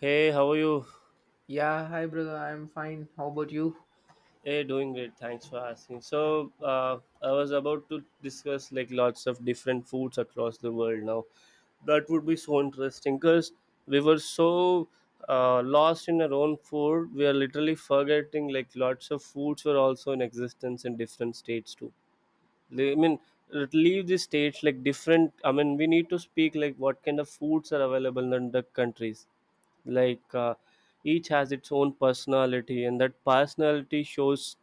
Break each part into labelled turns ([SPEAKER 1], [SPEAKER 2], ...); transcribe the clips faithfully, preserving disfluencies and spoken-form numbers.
[SPEAKER 1] Hey, how are you?
[SPEAKER 2] Yeah, hi brother, I'm fine. How about you?
[SPEAKER 1] Hey, doing great. Thanks for asking. So, uh, I was about to discuss like lots of different foods across the world now. That would be so interesting because we were so uh, lost in our own food. We are literally forgetting like lots of foods were also in existence in different states too. Li- I mean, let- leave the states like different. I mean, we need to speak like what kind of foods are available in the countries like uh, each has its own personality, and that personality shows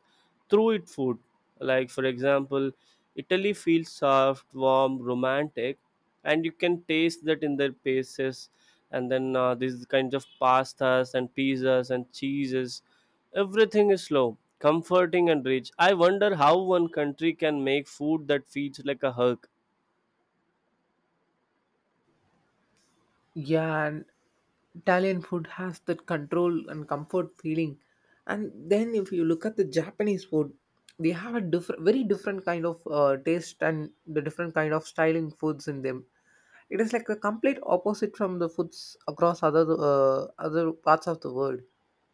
[SPEAKER 1] through its food, like for example Italy feels soft, warm, romantic, and you can taste that in their pastes, and then uh, these kinds of pastas and pizzas and cheeses. Everything is slow, comforting, and rich. I wonder how one country can make food that feeds like a hug.
[SPEAKER 2] Yeah, and Italian food has that control and comfort feeling. And then if you look at the Japanese food, they have a different, very different kind of uh, taste and the different kind of styling foods in them. It is like the complete opposite from the foods across other uh, other parts of the world.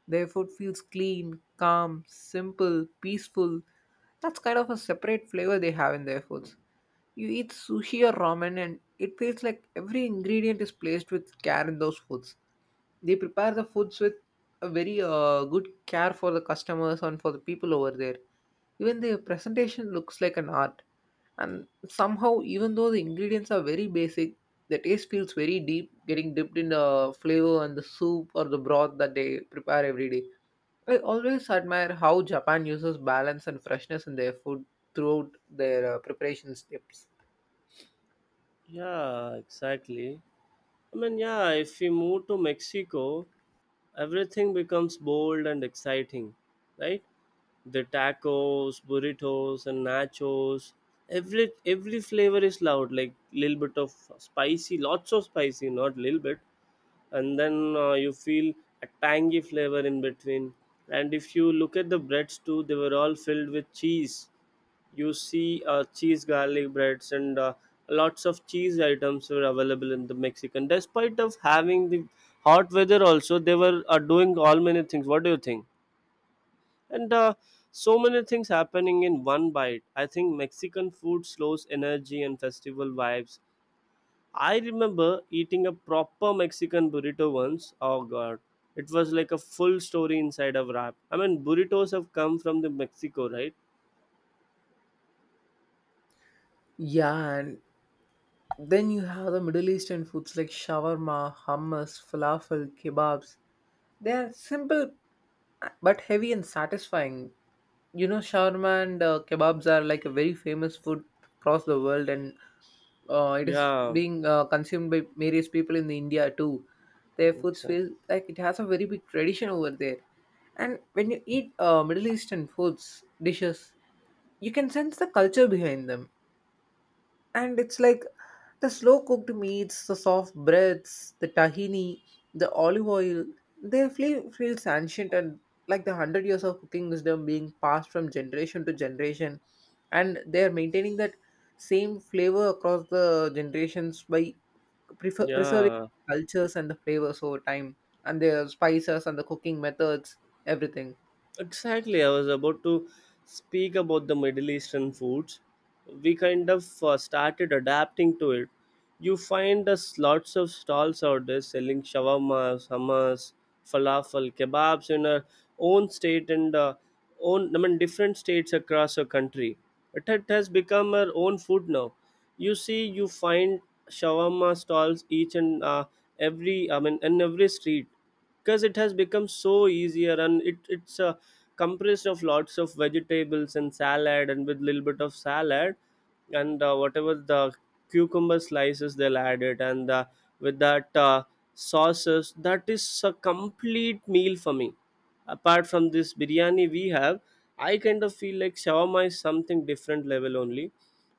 [SPEAKER 2] Their food feels clean, calm, simple, peaceful. That's kind of a separate flavor they have in their foods. You eat sushi or ramen, and it feels like every ingredient is placed with care in those foods. They prepare the foods with a very uh, good care for the customers and for the people over there. Even the presentation looks like an art. And somehow, even though the ingredients are very basic, the taste feels very deep, getting dipped in the flavor and the soup or the broth that they prepare every day. I always admire how Japan uses balance and freshness in their food throughout their uh, preparation steps.
[SPEAKER 1] Yeah, exactly. I mean, yeah, if we move to Mexico, everything becomes bold and exciting, right? The tacos, burritos, and nachos. Every every flavor is loud, like little bit of spicy, lots of spicy, not little bit, and then uh, you feel a tangy flavor in between. And if you look at the breads too, they were all filled with cheese. You see uh, cheese garlic breads and uh, lots of cheese items were available in the Mexican. Despite of having the hot weather also, they were uh, doing all many things. What do you think? And uh, so many things happening in one bite. I think Mexican food slows energy and festival vibes. I remember eating a proper Mexican burrito once. Oh god, it was like a full story inside a wrap. I mean, burritos have come from the Mexico, right?
[SPEAKER 2] Yeah, and then you have the Middle Eastern foods like shawarma, hummus, falafel, kebabs. They are simple uh, but heavy and satisfying. You know, shawarma and uh, kebabs are like a very famous food across the world, and uh, it is
[SPEAKER 1] Yeah,
[SPEAKER 2] being uh, consumed by various people in India too. Their foods feel
[SPEAKER 1] exactly.
[SPEAKER 2] like it has a very big tradition over there. And when you eat uh, Middle Eastern foods dishes, you can sense the culture behind them, and it's like the slow cooked meats, the soft breads, the tahini, the olive oil, they feel feels ancient and like the hundred years of cooking wisdom being passed from generation to generation, and they are maintaining that same flavor across the generations by prefer- preserving
[SPEAKER 1] Yeah,
[SPEAKER 2] cultures and the flavors over time, and their spices and the cooking methods, everything.
[SPEAKER 1] exactly, I was about to speak about the Middle Eastern foods. We kind of uh, started adapting to it. You find us lots of stalls out there selling shawarmas, hummus, falafel, kebabs in our own state, and uh, own, I mean, different states across our country. It, it has become our own food now. You see, you find shawarma stalls each and uh, every, I mean, in every street, because it has become so easier, and it, it's uh, compressed of lots of vegetables and salad, and with little bit of salad and uh, whatever the cucumber slices they'll add it, and uh, with that uh, sauces, that is a complete meal for me apart from this biryani we have. I kind of feel like shawarma is something different level only,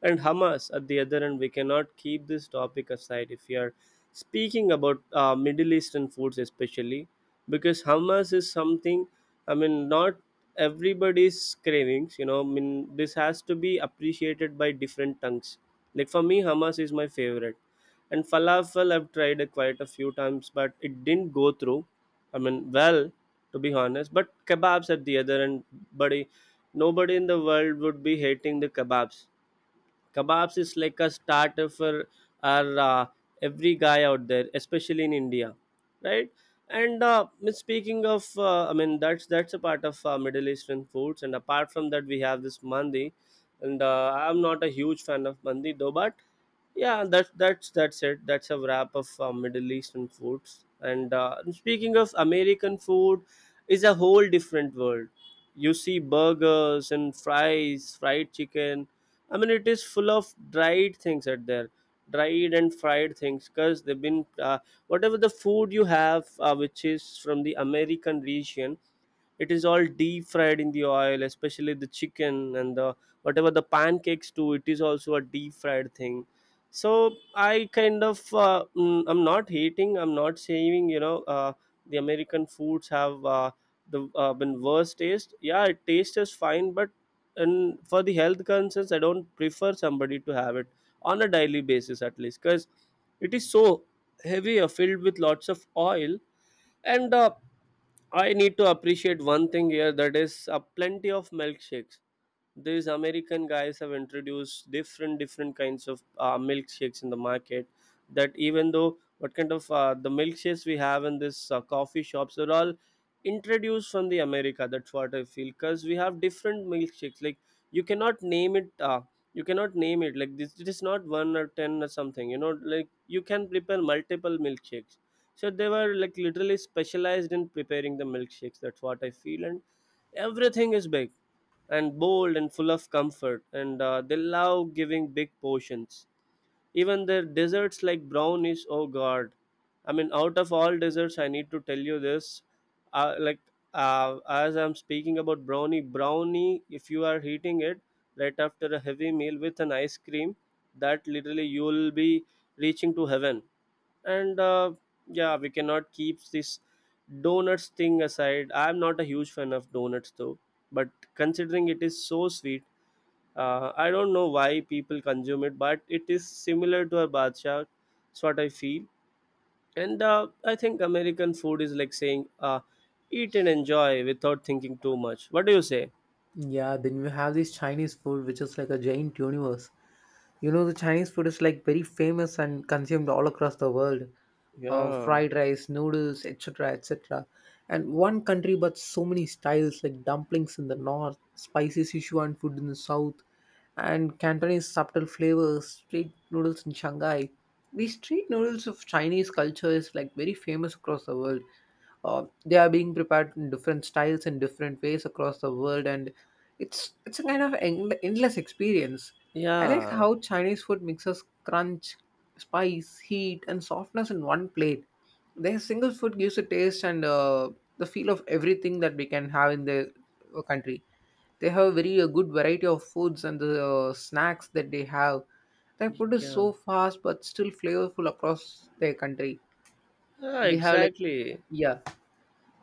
[SPEAKER 1] and hamas at the other end, we cannot keep this topic aside if we are speaking about uh, Middle Eastern foods, especially because hamas is something, I mean, not everybody's cravings you know I mean, this has to be appreciated by different tongues. Like, for me hamas is my favorite, and falafel I've tried it quite a few times, but it didn't go through. I mean, well, to be honest, but kebabs at the other end, buddy, nobody in the world would be hating the kebabs. Kebabs is like a starter for our uh, every guy out there, especially in India, right? And uh, I mean, speaking of, uh, I mean that's that's a part of uh, Middle Eastern foods. And apart from that, we have this mandi, and uh, I'm not a huge fan of mandi though, but yeah, that's that's that's it. That's a wrap of uh, Middle Eastern foods. And uh, speaking of American food, is a whole different world. You see burgers and fries, fried chicken. I mean, it is full of dried things at there, dried and fried things, because they've been uh, whatever the food you have, uh, which is from the American region, it is all deep fried in the oil, especially the chicken and the whatever the pancakes too. It is also a deep fried thing. So I kind of uh, mm, I'm not hating. I'm not saying you know uh, the American foods have. Uh, the uh, when worse taste, yeah, it tastes is fine, but and for the health concerns I don't prefer somebody to have it on a daily basis at least, because it is so heavy, uh, filled with lots of oil, and uh, I need to appreciate one thing here, that is uh, plenty of milkshakes. These American guys have introduced different different kinds of uh, milkshakes in the market. That, even though what kind of uh, the milkshakes we have in this uh, coffee shops are all introduced from the America. That's what I feel, because we have different milkshakes. Like, you cannot name it. Uh, you cannot name it like this. It is not one or ten or something. You know, like you can prepare multiple milkshakes, so they were like literally specialized in preparing the milkshakes. That's what I feel. And everything is big and bold and full of comfort, and uh, they love giving big portions. Even their desserts, like brownies, oh god, I mean, out of all desserts, I need to tell you this, uh, like, uh, as I'm speaking about brownie brownie if you are heating it right after a heavy meal with an ice cream, that literally you will be reaching to heaven. And uh, yeah, we cannot keep this donuts thing aside. I'm not a huge fan of donuts though, but considering it is so sweet, uh, I don't know why people consume it, but it is similar to a badshah. That's what I feel. And uh, I think American food is like saying, uh, eat and enjoy without thinking too much. What do you say?
[SPEAKER 2] Yeah, then you have this Chinese food, which is like a giant universe. You know, the Chinese food is like very famous and consumed all across the world. Uh,
[SPEAKER 1] Yeah,
[SPEAKER 2] fried rice, noodles, et cetera, et cetera. And one country, but so many styles like dumplings in the north, spicy Sichuan food in the south, and Cantonese subtle flavors, street noodles in Shanghai. These street noodles of Chinese culture is like very famous across the world uh, They are being prepared in different styles and different ways across the world, and it's it's a kind of en- endless experience. I like
[SPEAKER 1] yeah,
[SPEAKER 2] how Chinese food mixes crunch, spice, heat, and softness in one plate. Their single food gives a taste and uh, the feel of everything that we can have in the uh, country. They have a very uh, good variety of foods and the uh, snacks that they have. Their food is
[SPEAKER 1] yeah.
[SPEAKER 2] so fast but still flavorful across their country.
[SPEAKER 1] Ah,
[SPEAKER 2] They have like,
[SPEAKER 1] exactly.
[SPEAKER 2] yeah.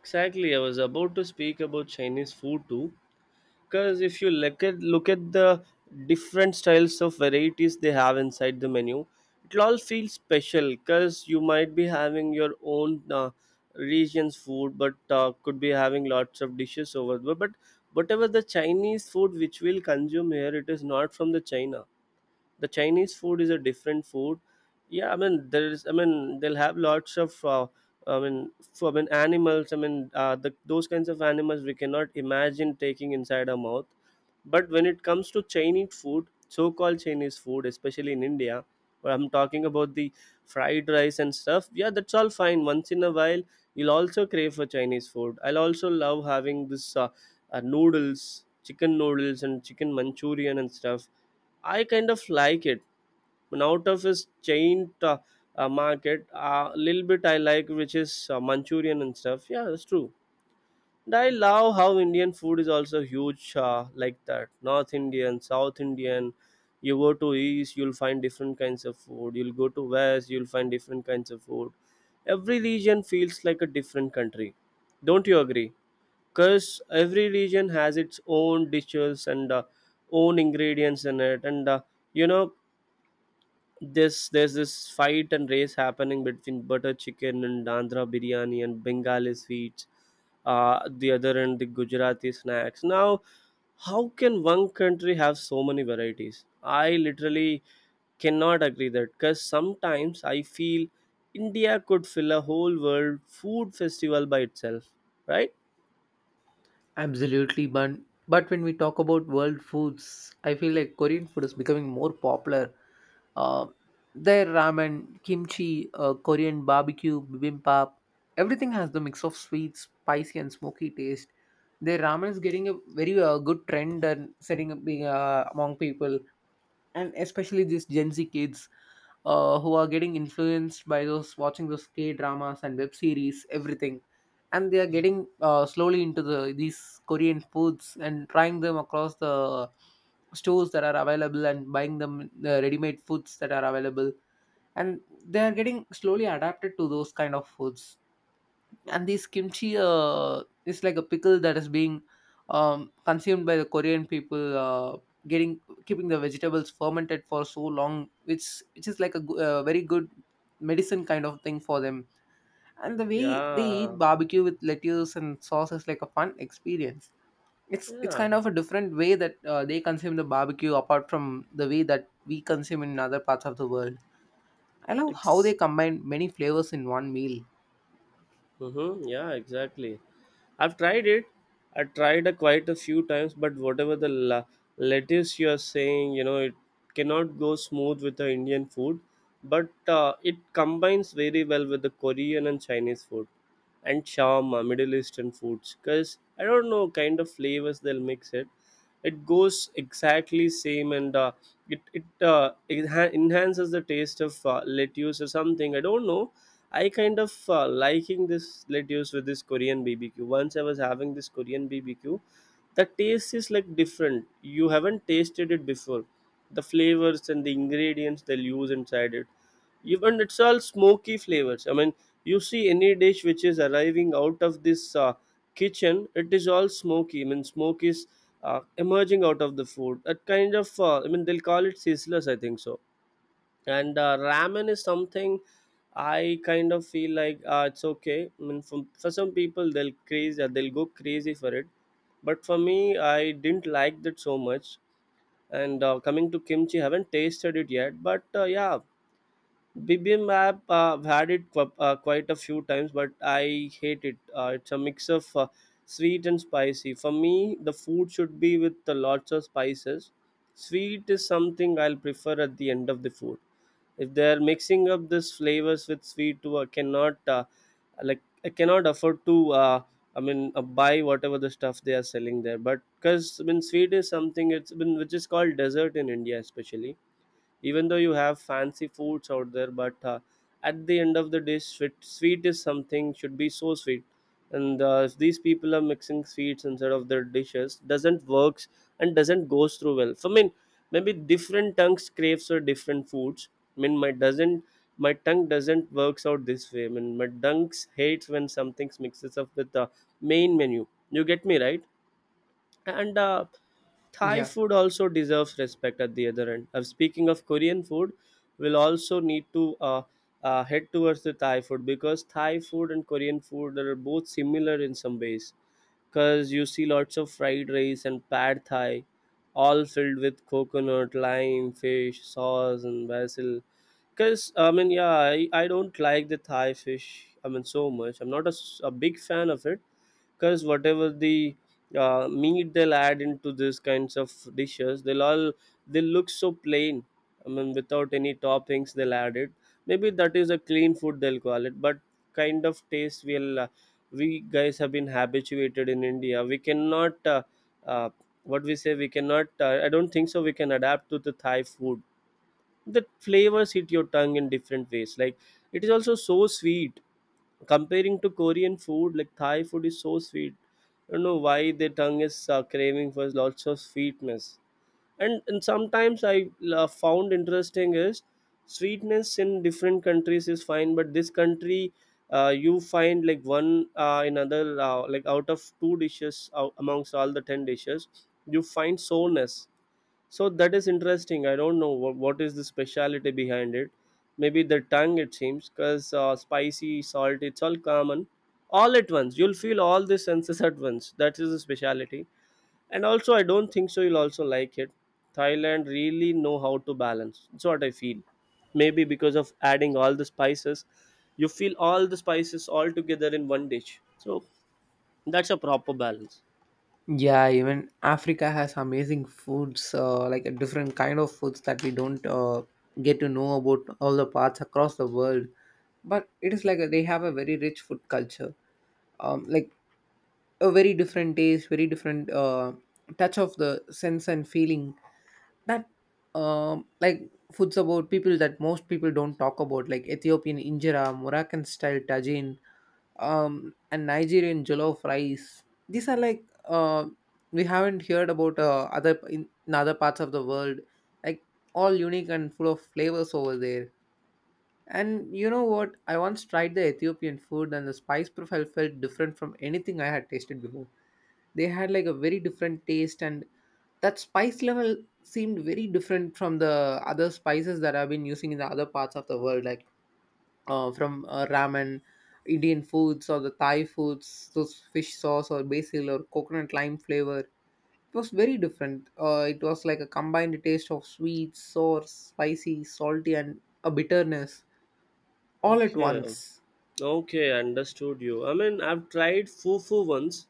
[SPEAKER 1] Exactly, I was about to speak about Chinese food too, because if you look at look at the different styles of varieties they have inside the menu, it'll all feel special, because you might be having your own uh, region's food, but uh, could be having lots of dishes over there, but whatever the Chinese food which we'll consume here, it is not from the China. The Chinese food is a different food. Yeah, I mean, there is, I mean, they'll have lots of uh, I mean for, I mean, animals, I mean, uh, the, those kinds of animals we cannot imagine taking inside our mouth. But when it comes to Chinese food, so called Chinese food, especially in India, where I'm talking about the fried rice and stuff, yeah, that's all fine. Once in a while you'll also crave for Chinese food. I'll also love having this uh, uh, noodles, chicken noodles and chicken manchurian and stuff. I kind of like it. And out of his chain uh, uh, market a little bit I like, which is uh, manchurian and stuff, yeah, that's true. And I love how Indian food is also huge uh, like that. North Indian, South Indian. You go to East, you'll find different kinds of food. You'll go to West, you'll find different kinds of food. Every region feels like a different country. Don't you agree? Because every region has its own dishes and uh, own ingredients in it. And uh, you know, this there's this fight and race happening between butter chicken and Andhra biryani and Bengali sweets, uh, the other end the Gujarati snacks. Now how can one country have so many varieties? I literally cannot agree that, because sometimes I feel India could fill a whole world food festival by itself, right?
[SPEAKER 2] Absolutely, but but when we talk about world foods, I feel like Korean food is becoming more popular. Uh, their ramen, kimchi, uh, Korean barbecue, bibimbap, everything has the mix of sweet, spicy, and smoky taste. Their ramen is getting a very uh, good trend and setting up being uh, among people, and especially these Gen Z kids uh, who are getting influenced by those watching those K dramas and web series, everything, and they are getting uh, slowly into the these Korean foods and trying them across the stores that are available and buying them the ready-made foods that are available, and they are getting slowly adapted to those kind of foods. And this kimchi uh, is like a pickle that is being um, consumed by the Korean people, uh, getting keeping the vegetables fermented for so long, which which is like a go- uh, very good medicine kind of thing for them. And the way they eat
[SPEAKER 1] Yeah,
[SPEAKER 2] barbecue with lettuce and sauce is like a fun experience. It's it's
[SPEAKER 1] yeah.
[SPEAKER 2] kind of a different way that uh, they consume the barbecue apart from the way that we consume in other parts of the world. I love how they
[SPEAKER 1] it's
[SPEAKER 2] combine many flavors in one meal.
[SPEAKER 1] Mm-hmm. Yeah, exactly. I've tried it. I tried it quite a few times, but whatever the la- lettuce you are saying, you know, it cannot go smooth with the Indian food, but uh, it combines very well with the Korean and Chinese food, and shawarma, Middle Eastern foods. Because I don't know kind of flavors they'll mix it. It goes exactly same, and uh, it it, uh, it enha- enhances the taste of uh, lettuce or something. I don't know. I kind of uh, liking this lettuce with this Korean B B Q. Once I was having this Korean B B Q, the taste is like different. You haven't tasted it before. The flavors and the ingredients they'll use inside it. Even it's all smoky flavors. I mean, you see any dish which is arriving out of this uh, kitchen, it is all smoky. I mean, smoke is uh, emerging out of the food. That kind of, uh, I mean, they'll call it sizzlers, I think so. And uh, ramen is something i kind of feel like uh, it's okay. I mean, for, for some people they'll crazy, they'll go crazy for it, but for me I didn't like that so much. And uh, coming to kimchi, haven't tasted it yet, but uh, yeah. Bibimbap, uh, I've had it qu- uh, quite a few times, but I hate it. uh, it's a mix of uh, sweet and spicy. For me, the food should be with uh, lots of spices. Sweet is something I'll prefer at the end of the food. If they are mixing up this flavors with sweet too, I cannot, uh, like I cannot afford to, uh, i mean uh, buy whatever the stuff they are selling there. But because, I mean, sweet is something it's been which is called dessert in India, especially. Even though you have fancy foods out there, but uh, at the end of the day, sweet, sweet is something should be so sweet. And uh, if these people are mixing sweets instead of their dishes, doesn't works and doesn't goes through well. So I mean, maybe different tongues craves for different foods. I mean, my doesn't. My tongue doesn't works out this way. I mean, my tongue hates when something mixes up with the main menu. You get me, right? and uh, Thai
[SPEAKER 2] Yeah,
[SPEAKER 1] food also deserves respect at the other end. Uh, speaking of Korean food, we'll also need to uh, uh, head towards the Thai food, because Thai food and Korean food are both similar in some ways. Because you see lots of fried rice and pad Thai, all filled with coconut, lime, fish, sauce, and basil. Because, I mean, yeah, I, I don't like the Thai fish, I mean, so much. I'm not a, s- a big fan of it, because whatever the uh, meat they'll add into these kinds of dishes, they'll all, they look so plain. I mean, without any toppings they'll add it. Maybe that is a clean food, they'll call it. But kind of taste we'll, uh, we guys have been habituated in India, we cannot, uh, uh, what we say, we cannot, uh, I don't think so we can adapt to the Thai food. The flavors hit your tongue in different ways. Like, it is also so sweet comparing to Korean food. Like, Thai food is so sweet. I don't know why their tongue is uh, craving for lots of sweetness. And and sometimes I uh, found interesting is sweetness in different countries is fine, but this country, uh, you find like one, uh, another, uh, like out of two dishes out amongst all the ten dishes, you find sourness. So that is interesting. I don't know what, what is the speciality behind it. Maybe the tongue, it seems, because uh, spicy, salt, it's all common. All at once. You'll feel all the senses at once. That is the speciality. And also, I don't think so. You'll also like it. Thailand really know how to balance. That's what I feel. Maybe because of adding all the spices, you feel all the spices all together in one dish. So that's a proper balance.
[SPEAKER 2] yeah, even Africa has amazing foods, uh, like a different kind of foods that we don't uh, get to know about all the parts across the world. But it is like a, they have a very rich food culture, um, like a very different taste, very different uh, touch of the sense and feeling that, um, like foods about people that most people don't talk about, like Ethiopian injera, Moroccan style tagine, um, and Nigerian jollof rice. These are like, uh, we haven't heard about uh, other in, in other parts of the world. Like, all unique and full of flavors over there. And you know what? I once tried the Ethiopian food, and the spice profile felt different from anything I had tasted before. They had like a very different taste, and that spice level seemed very different from the other spices that I've been using in the other parts of the world. Like uh, from uh, ramen, Indian foods, or the Thai foods, those fish sauce or basil or coconut lime flavor. It was very different. Uh, it was like a combined taste of sweet, sour, spicy, salty, and a bitterness all at
[SPEAKER 1] Okay.
[SPEAKER 2] once.
[SPEAKER 1] Okay, understood you. I mean, I've tried fufu once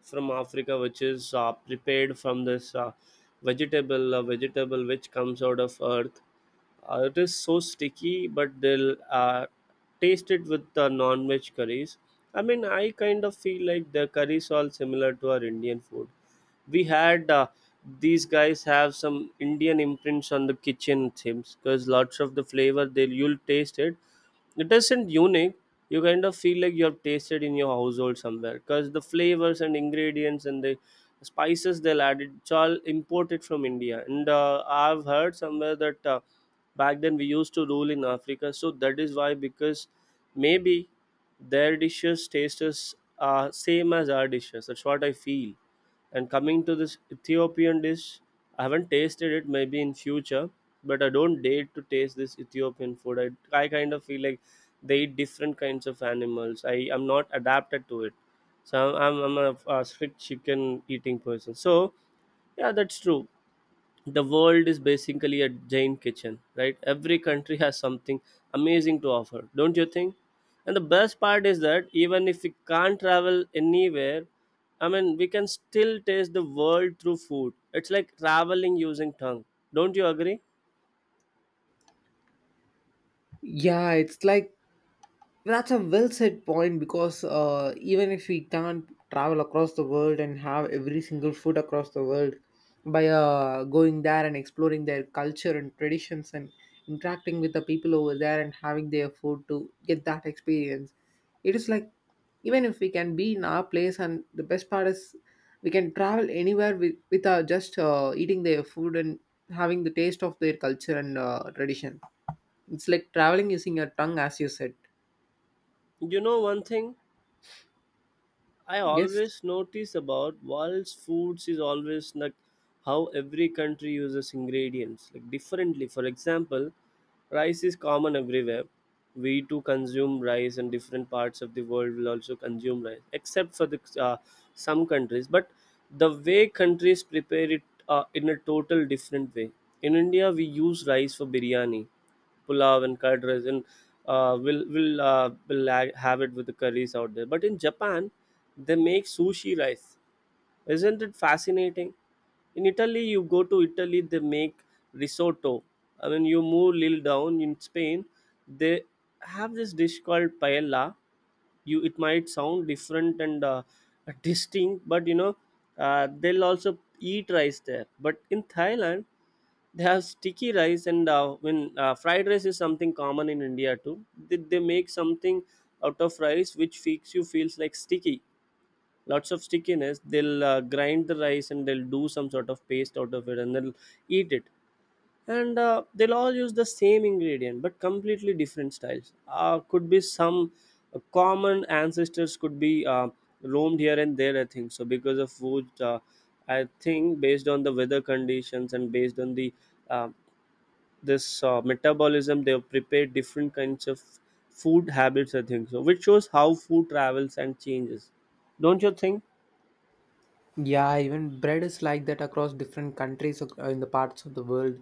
[SPEAKER 1] from Africa, which is uh, prepared from this uh, vegetable, uh, vegetable which comes out of earth. Uh, it is so sticky, but they'll uh, taste it with the non-veg curries. I mean, I kind of feel like the curries all similar to our Indian food. We had, uh, these guys have some Indian imprints on the kitchen themes, because lots of the flavor they, you'll taste it, it isn't unique. You kind of feel like you have tasted in your household somewhere, because the flavors and ingredients and the spices they'll add, it's all imported from India. And uh, I've heard somewhere that uh, back then we used to rule in Africa. So that is why, because maybe their dishes taste is uh, same as our dishes. That's what I feel. And coming to this Ethiopian dish, I haven't tasted it, maybe in future, but I don't dare to taste this Ethiopian food. I, I kind of feel like they eat different kinds of animals. I am not adapted to it. So I'm, I'm, I'm a, a strict chicken eating person. So yeah, that's true. The world is basically a giant kitchen, right? Every country has something amazing to offer, don't you think? And the best part is that even if we can't travel anywhere, I mean, we can still taste the world through food. It's like traveling using tongue, don't you agree?
[SPEAKER 2] Yeah, it's like that's a well said point, because uh, even if we can't travel across the world and have every single food across the world by uh, going there and exploring their culture and traditions and interacting with the people over there and having their food to get that experience, it is like, even if we can be in our place, and the best part is we can travel anywhere with, with our just uh, eating their food and having the taste of their culture and uh, tradition. It's like traveling using your tongue, as you said.
[SPEAKER 1] You know one thing I
[SPEAKER 2] Yes.
[SPEAKER 1] always notice about world's foods is always like how every country uses ingredients like differently. For example, rice is common everywhere. We too consume rice, and different parts of the world will also consume rice, except for the uh, some countries. But the way countries prepare it, uh, in a total different way. In India, we use rice for biryani, pulao and curd rice, and uh, will will uh, will ha- have it with the curries out there. But in Japan, they make sushi rice. Isn't it fascinating? In Italy, you go to Italy, they make risotto. I mean, you move little down in Spain, they have this dish called paella. You, it might sound different and uh, distinct, but you know, uh, they'll also eat rice there. But in Thailand, they have sticky rice. And uh, when uh, fried rice is something common in India too. They, they make something out of rice which makes you feels like sticky, lots of stickiness. They'll uh, grind the rice and they'll do some sort of paste out of it and they'll eat it. And uh, they'll all use the same ingredient but completely different styles. Uh, could be some uh, common ancestors could be uh, roamed here and there, I think so, because of food. Uh, I think based on the weather conditions and based on the uh, this uh, metabolism, they have prepared different kinds of food habits, I think so, which shows how food travels and changes. Don't you think?
[SPEAKER 2] Yeah, even bread is like that across different countries, ac- uh, in the parts of the world.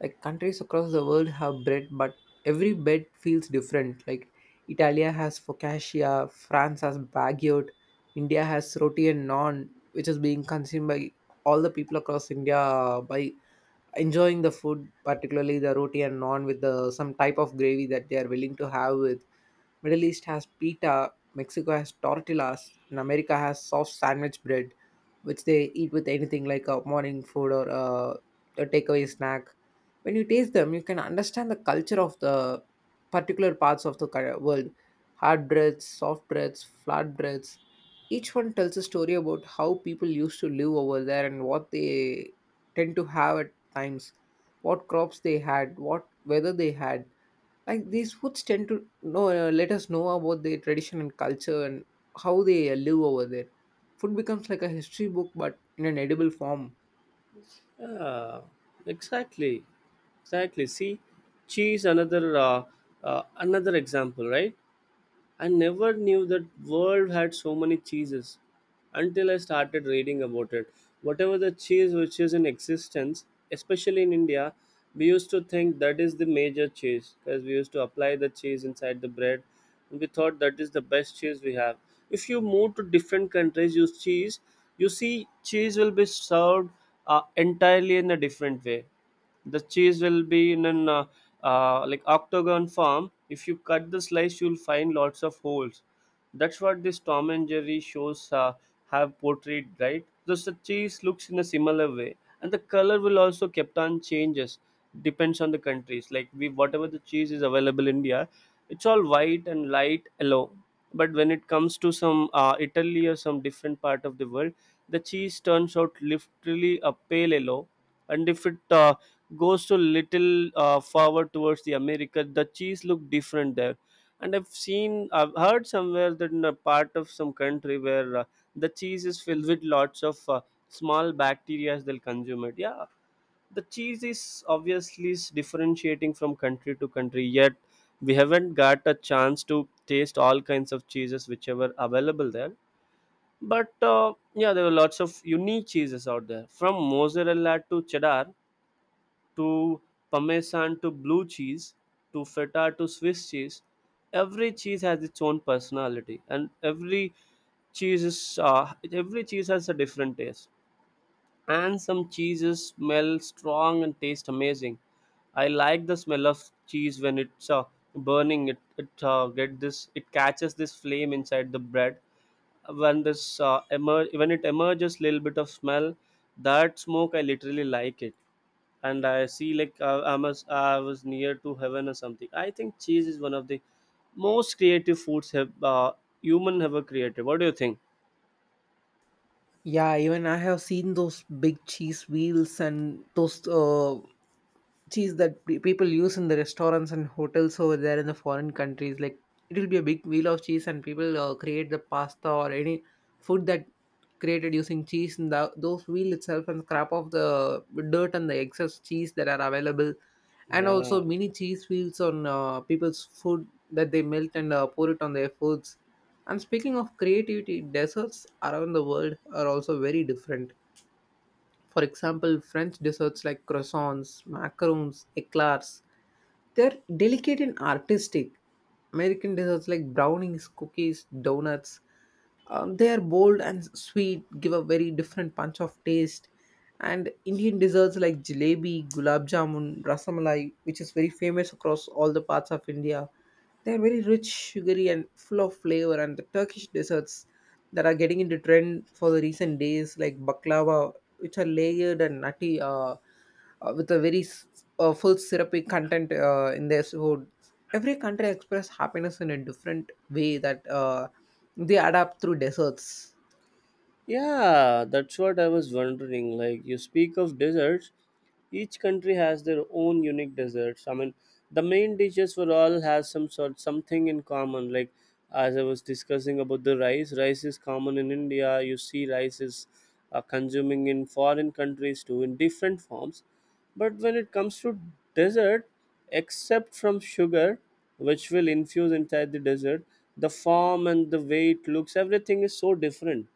[SPEAKER 2] Like, countries across the world have bread, but every bread feels different. Like Italia has focaccia, France has baguette, India has roti and naan, which is being consumed by all the people across India uh, by enjoying the food, particularly the roti and naan with the some type of gravy that they are willing to have with. Middle East has pita, Mexico has tortillas, and America has soft sandwich bread, which they eat with anything like a morning food or a, a takeaway snack. When you taste them, you can understand the culture of the particular parts of the cul- world. Hard breads, soft breads, flat breads. Each one tells a story about how people used to live over there and what they tend to have at times, what crops they had, what weather they had, like these foods tend to know, uh, let us know about their tradition and culture and how they uh, live over there. Food becomes like a history book, but in an edible form.
[SPEAKER 1] Yeah, exactly, exactly. See, cheese, another uh, uh, another example, right? I never knew that world had so many cheeses until I started reading about it. Whatever the cheese which is in existence, especially in India, we used to think that is the major cheese, because we used to apply the cheese inside the bread and we thought that is the best cheese we have. If you move to different countries, use cheese, you see cheese will be served uh, entirely in a different way. The cheese will be in an uh, uh, like octagon form. If you cut the slice, you'll find lots of holes. That's what this Tom and Jerry shows uh, have portrayed, right? Thus, the cheese looks in a similar way, and the color will also kept on changes depends on the countries. Like, we, whatever the cheese is available in India, it's all white and light yellow. But when it comes to some, uh, Italy or some different part of the world, the cheese turns out literally a pale yellow. And if it uh, goes to little uh, forward towards the America, the cheese look different there. And I've seen, I've heard somewhere that in a part of some country where uh, the cheese is filled with lots of uh, small bacteria, they'll consume it. Yeah, the cheese is obviously s- differentiating from country to country. Yet we haven't got a chance to taste all kinds of cheeses which are available there. But uh, yeah, there were lots of unique cheeses out there, from mozzarella to cheddar to parmesan to blue cheese to feta to Swiss cheese. Every cheese has its own personality, and every cheese is, uh, every cheese has a different taste, and some cheeses smell strong and taste amazing. I like the smell of cheese when it's uh, burning it it uh, get this it catches this flame inside the bread. When this uh, emer- when it emerges little bit of smell, that smoke, I literally like it. And I see like, uh, I must I was near to heaven or something. I think cheese is one of the most creative foods have uh, human ever created. What do you think?
[SPEAKER 2] Yeah, even I have seen those big cheese wheels and those uh, cheese that pe- people use in the restaurants and hotels over there in the foreign countries. Like, it will be a big wheel of cheese and people uh, create the pasta or any food that created using cheese in the, those wheel itself and scrap off the dirt and the excess cheese that are available, and also
[SPEAKER 1] Yeah.
[SPEAKER 2] mini cheese wheels on uh, people's food that they melt and uh, pour it on their foods. And speaking of creativity, desserts around the world are also very different. For example, French desserts like croissants, macarons, eclairs, they're delicate and artistic. American desserts like brownies, cookies, donuts, um, they are bold and sweet, give a very different punch of taste. And Indian desserts like jalebi, gulab jamun, rasamalai, which is very famous across all the parts of India, they're very rich, sugary, and full of flavor. And the Turkish desserts that are getting into trend for the recent days, like baklava, which are layered and nutty, uh, uh, with a very s- uh, full syrupy content uh, in their food. Every country express happiness in a different way that uh, they adapt through desserts.
[SPEAKER 1] Yeah, that's what I was wondering. Like, you speak of desserts, each country has their own unique desserts. I mean, the main dishes for all has some sort something in common. Like, as I was discussing about the rice, rice is common in India. You see, rice is uh, consuming in foreign countries too in different forms. But when it comes to dessert, except from sugar, which will infuse inside the dessert, the form and the way it looks, everything is so different.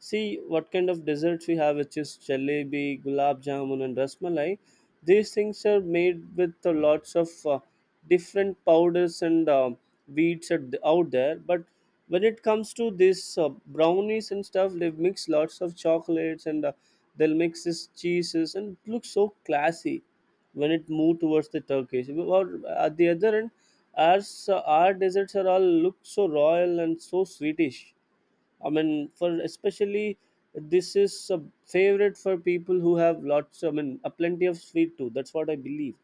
[SPEAKER 1] See what kind of desserts we have, which is jalebi, gulab jamun, and rasmalai. These things are made with uh, lots of uh, different powders and um wheats at the- out there. But when it comes to this uh, brownies and stuff, they mix lots of chocolates and uh, they'll mix this cheeses, and it looks so classy when it move towards the Turkish. Or at the other end, ours, uh, our desserts are all look so royal and so sweetish. I mean, for especially this is a favorite for people who have lots. I mean, a plenty of sweet too. That's what I believe.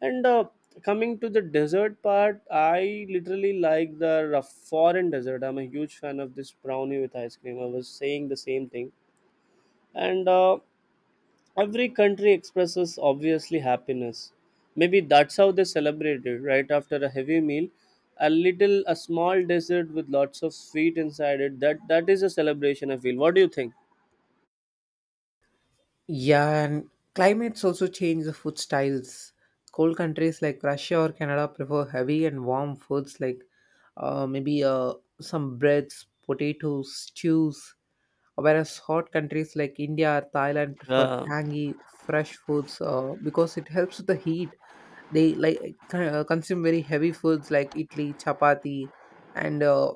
[SPEAKER 1] And uh, Coming to the dessert part, I literally like the rough foreign dessert. I'm a huge fan of this brownie with ice cream. I was saying the same thing, and uh, every country expresses obviously happiness. Maybe that's how they celebrate it. Right after a heavy meal, a little, a small dessert with lots of sweet inside it. That that is a celebration. I feel. What do you think?
[SPEAKER 2] Yeah, and climates also change the food styles. Cold countries like Russia or Canada prefer heavy and warm foods like, uh, maybe uh, some breads, potatoes, stews, whereas hot countries like India or Thailand prefer
[SPEAKER 1] Yeah,
[SPEAKER 2] tangy, fresh foods, uh, because it helps with the heat. They like uh, consume very heavy foods like idli, chapati, and uh,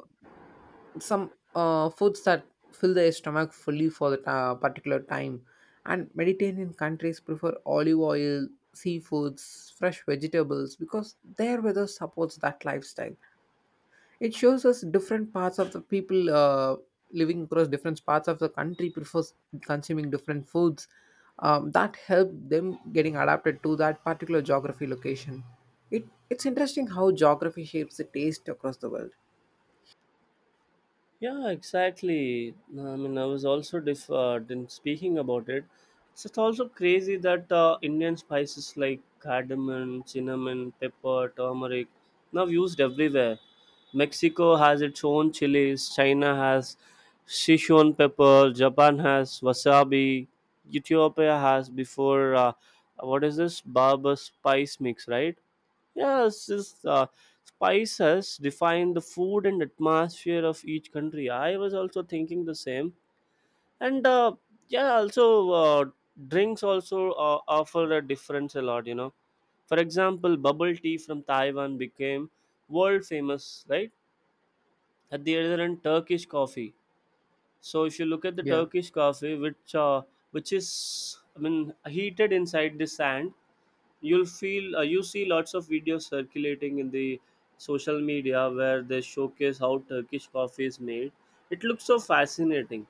[SPEAKER 2] some uh, foods that fill their stomach fully for that uh, particular time. And Mediterranean countries prefer olive oil, seafoods, fresh vegetables, because their weather supports that lifestyle. It shows us different parts of the people uh, living across different parts of the country prefers consuming different foods, um, that help them getting adapted to that particular geography location. It, it's interesting how geography shapes the taste across the world.
[SPEAKER 1] yeah, exactly. No, I mean, I was also diff- uh, din- speaking about it. It's just also crazy that uh, Indian spices like cardamom, cinnamon, pepper, turmeric now used everywhere. Mexico has its own chilies. China has Sichuan pepper. Japan has wasabi. Ethiopia has before uh, what is this barber spice mix, right? Yes, this uh, spice has defined the food and atmosphere of each country. I was also thinking the same, and uh, yeah, also uh, drinks also uh, offer a difference a lot. You know, for example, bubble tea from Taiwan became world famous, right? At the other end, Turkish coffee. So if you look at the
[SPEAKER 2] Yeah.
[SPEAKER 1] Turkish coffee, which uh, which is, I mean, heated inside the sand, you'll feel uh, you see lots of videos circulating in the social media where they showcase how Turkish coffee is made. It looks so fascinating.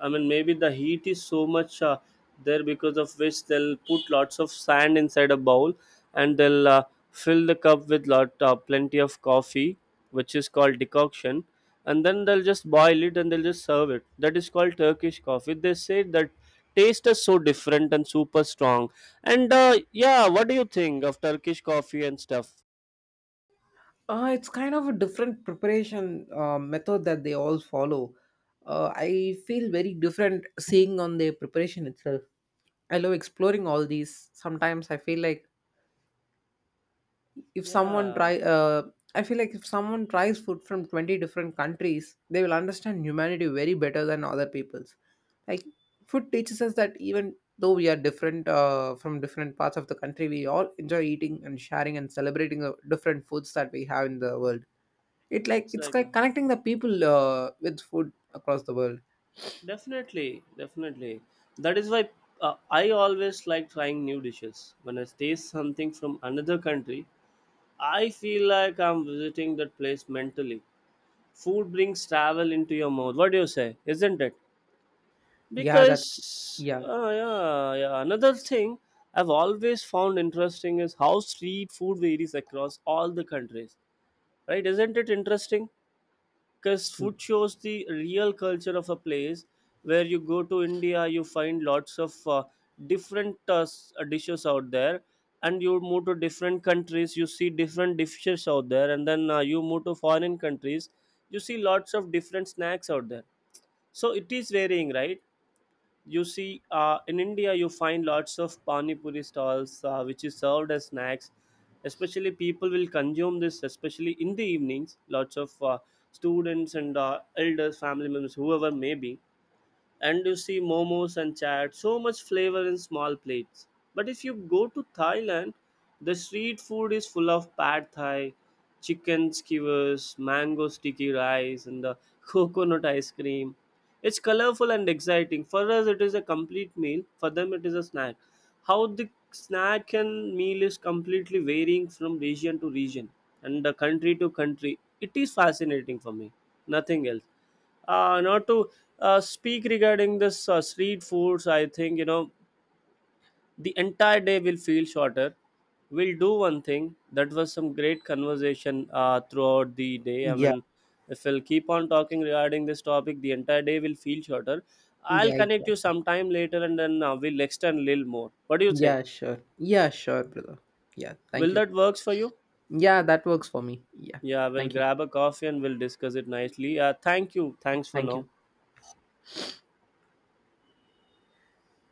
[SPEAKER 1] I mean, maybe the heat is so much uh, there, because of which they'll put lots of sand inside a bowl, and they'll uh, fill the cup with lot uh, plenty of coffee, which is called decoction, and then they'll just boil it and they'll just serve it. That is called Turkish coffee. They say that taste is so different and super strong. And uh, Yeah, what do you think of Turkish coffee and stuff?
[SPEAKER 2] Uh, it's kind of a different preparation uh, method that they all follow. Uh, I feel very different seeing on their preparation itself. I love exploring all these. Sometimes I feel like if someone
[SPEAKER 1] Yeah,
[SPEAKER 2] try, uh, I feel like if someone tries food from twenty different countries, they will understand humanity very better than other people's. Like, food teaches us that even though we are different uh, from different parts of the country, we all enjoy eating and sharing and celebrating the different foods that we have in the world. It
[SPEAKER 1] yeah,
[SPEAKER 2] like it's
[SPEAKER 1] exactly.
[SPEAKER 2] like connecting the people uh, with food across the world.
[SPEAKER 1] Definitely, definitely. That is why uh, I always like trying new dishes. When I taste something from another country, I feel like I'm visiting that place mentally. Food brings travel into your mouth. What do you say? Isn't it?
[SPEAKER 2] Yeah, that's
[SPEAKER 1] Because
[SPEAKER 2] yeah.
[SPEAKER 1] uh, yeah, yeah. Another thing I've always found interesting is how street food varies across all the countries. Right? Isn't it interesting? Because
[SPEAKER 2] Mm,
[SPEAKER 1] food shows the real culture of a place. Where you go to India, you find lots of uh, different uh, s- uh, dishes out there, and you move to different countries, you see different dishes out there, and then uh, you move to foreign countries, you see lots of different snacks out there. So it is varying, right? You see, uh, in India you find lots of pani puri stalls, uh, which is served as snacks. Especially people will consume this especially in the evenings, lots of uh, students and uh, elders, family members, whoever may be. And you see momos and chaat, so much flavor in small plates. But if you go to Thailand, the street food is full of pad thai, chicken skewers, mango sticky rice, and the coconut ice cream. It's colorful and exciting. For us, it is a complete meal. For them, it is a snack. How the snack and meal is completely varying from region to region and the country to country. It is fascinating for me. Nothing else uh, not to uh, Speak regarding this uh, street foods, I think, you know, the entire day will feel shorter. We'll do one thing. That was some great conversation uh, throughout the day. I
[SPEAKER 2] yeah,
[SPEAKER 1] mean, if we'll keep on talking regarding this topic, the entire day will feel shorter.
[SPEAKER 2] yeah,
[SPEAKER 1] I'll connect you
[SPEAKER 2] exactly.
[SPEAKER 1] sometime later, and then uh, we'll extend a little more. What do you think?
[SPEAKER 2] Yeah, sure. Yeah, sure, brother. Yeah, thank
[SPEAKER 1] Will
[SPEAKER 2] you.
[SPEAKER 1] that works for you?
[SPEAKER 2] Yeah, that works for me. Yeah,
[SPEAKER 1] Yeah, we'll
[SPEAKER 2] thank you.
[SPEAKER 1] grab a coffee and we'll discuss it nicely. Uh, thank you. Thanks for
[SPEAKER 2] Thank
[SPEAKER 1] now.
[SPEAKER 2] you.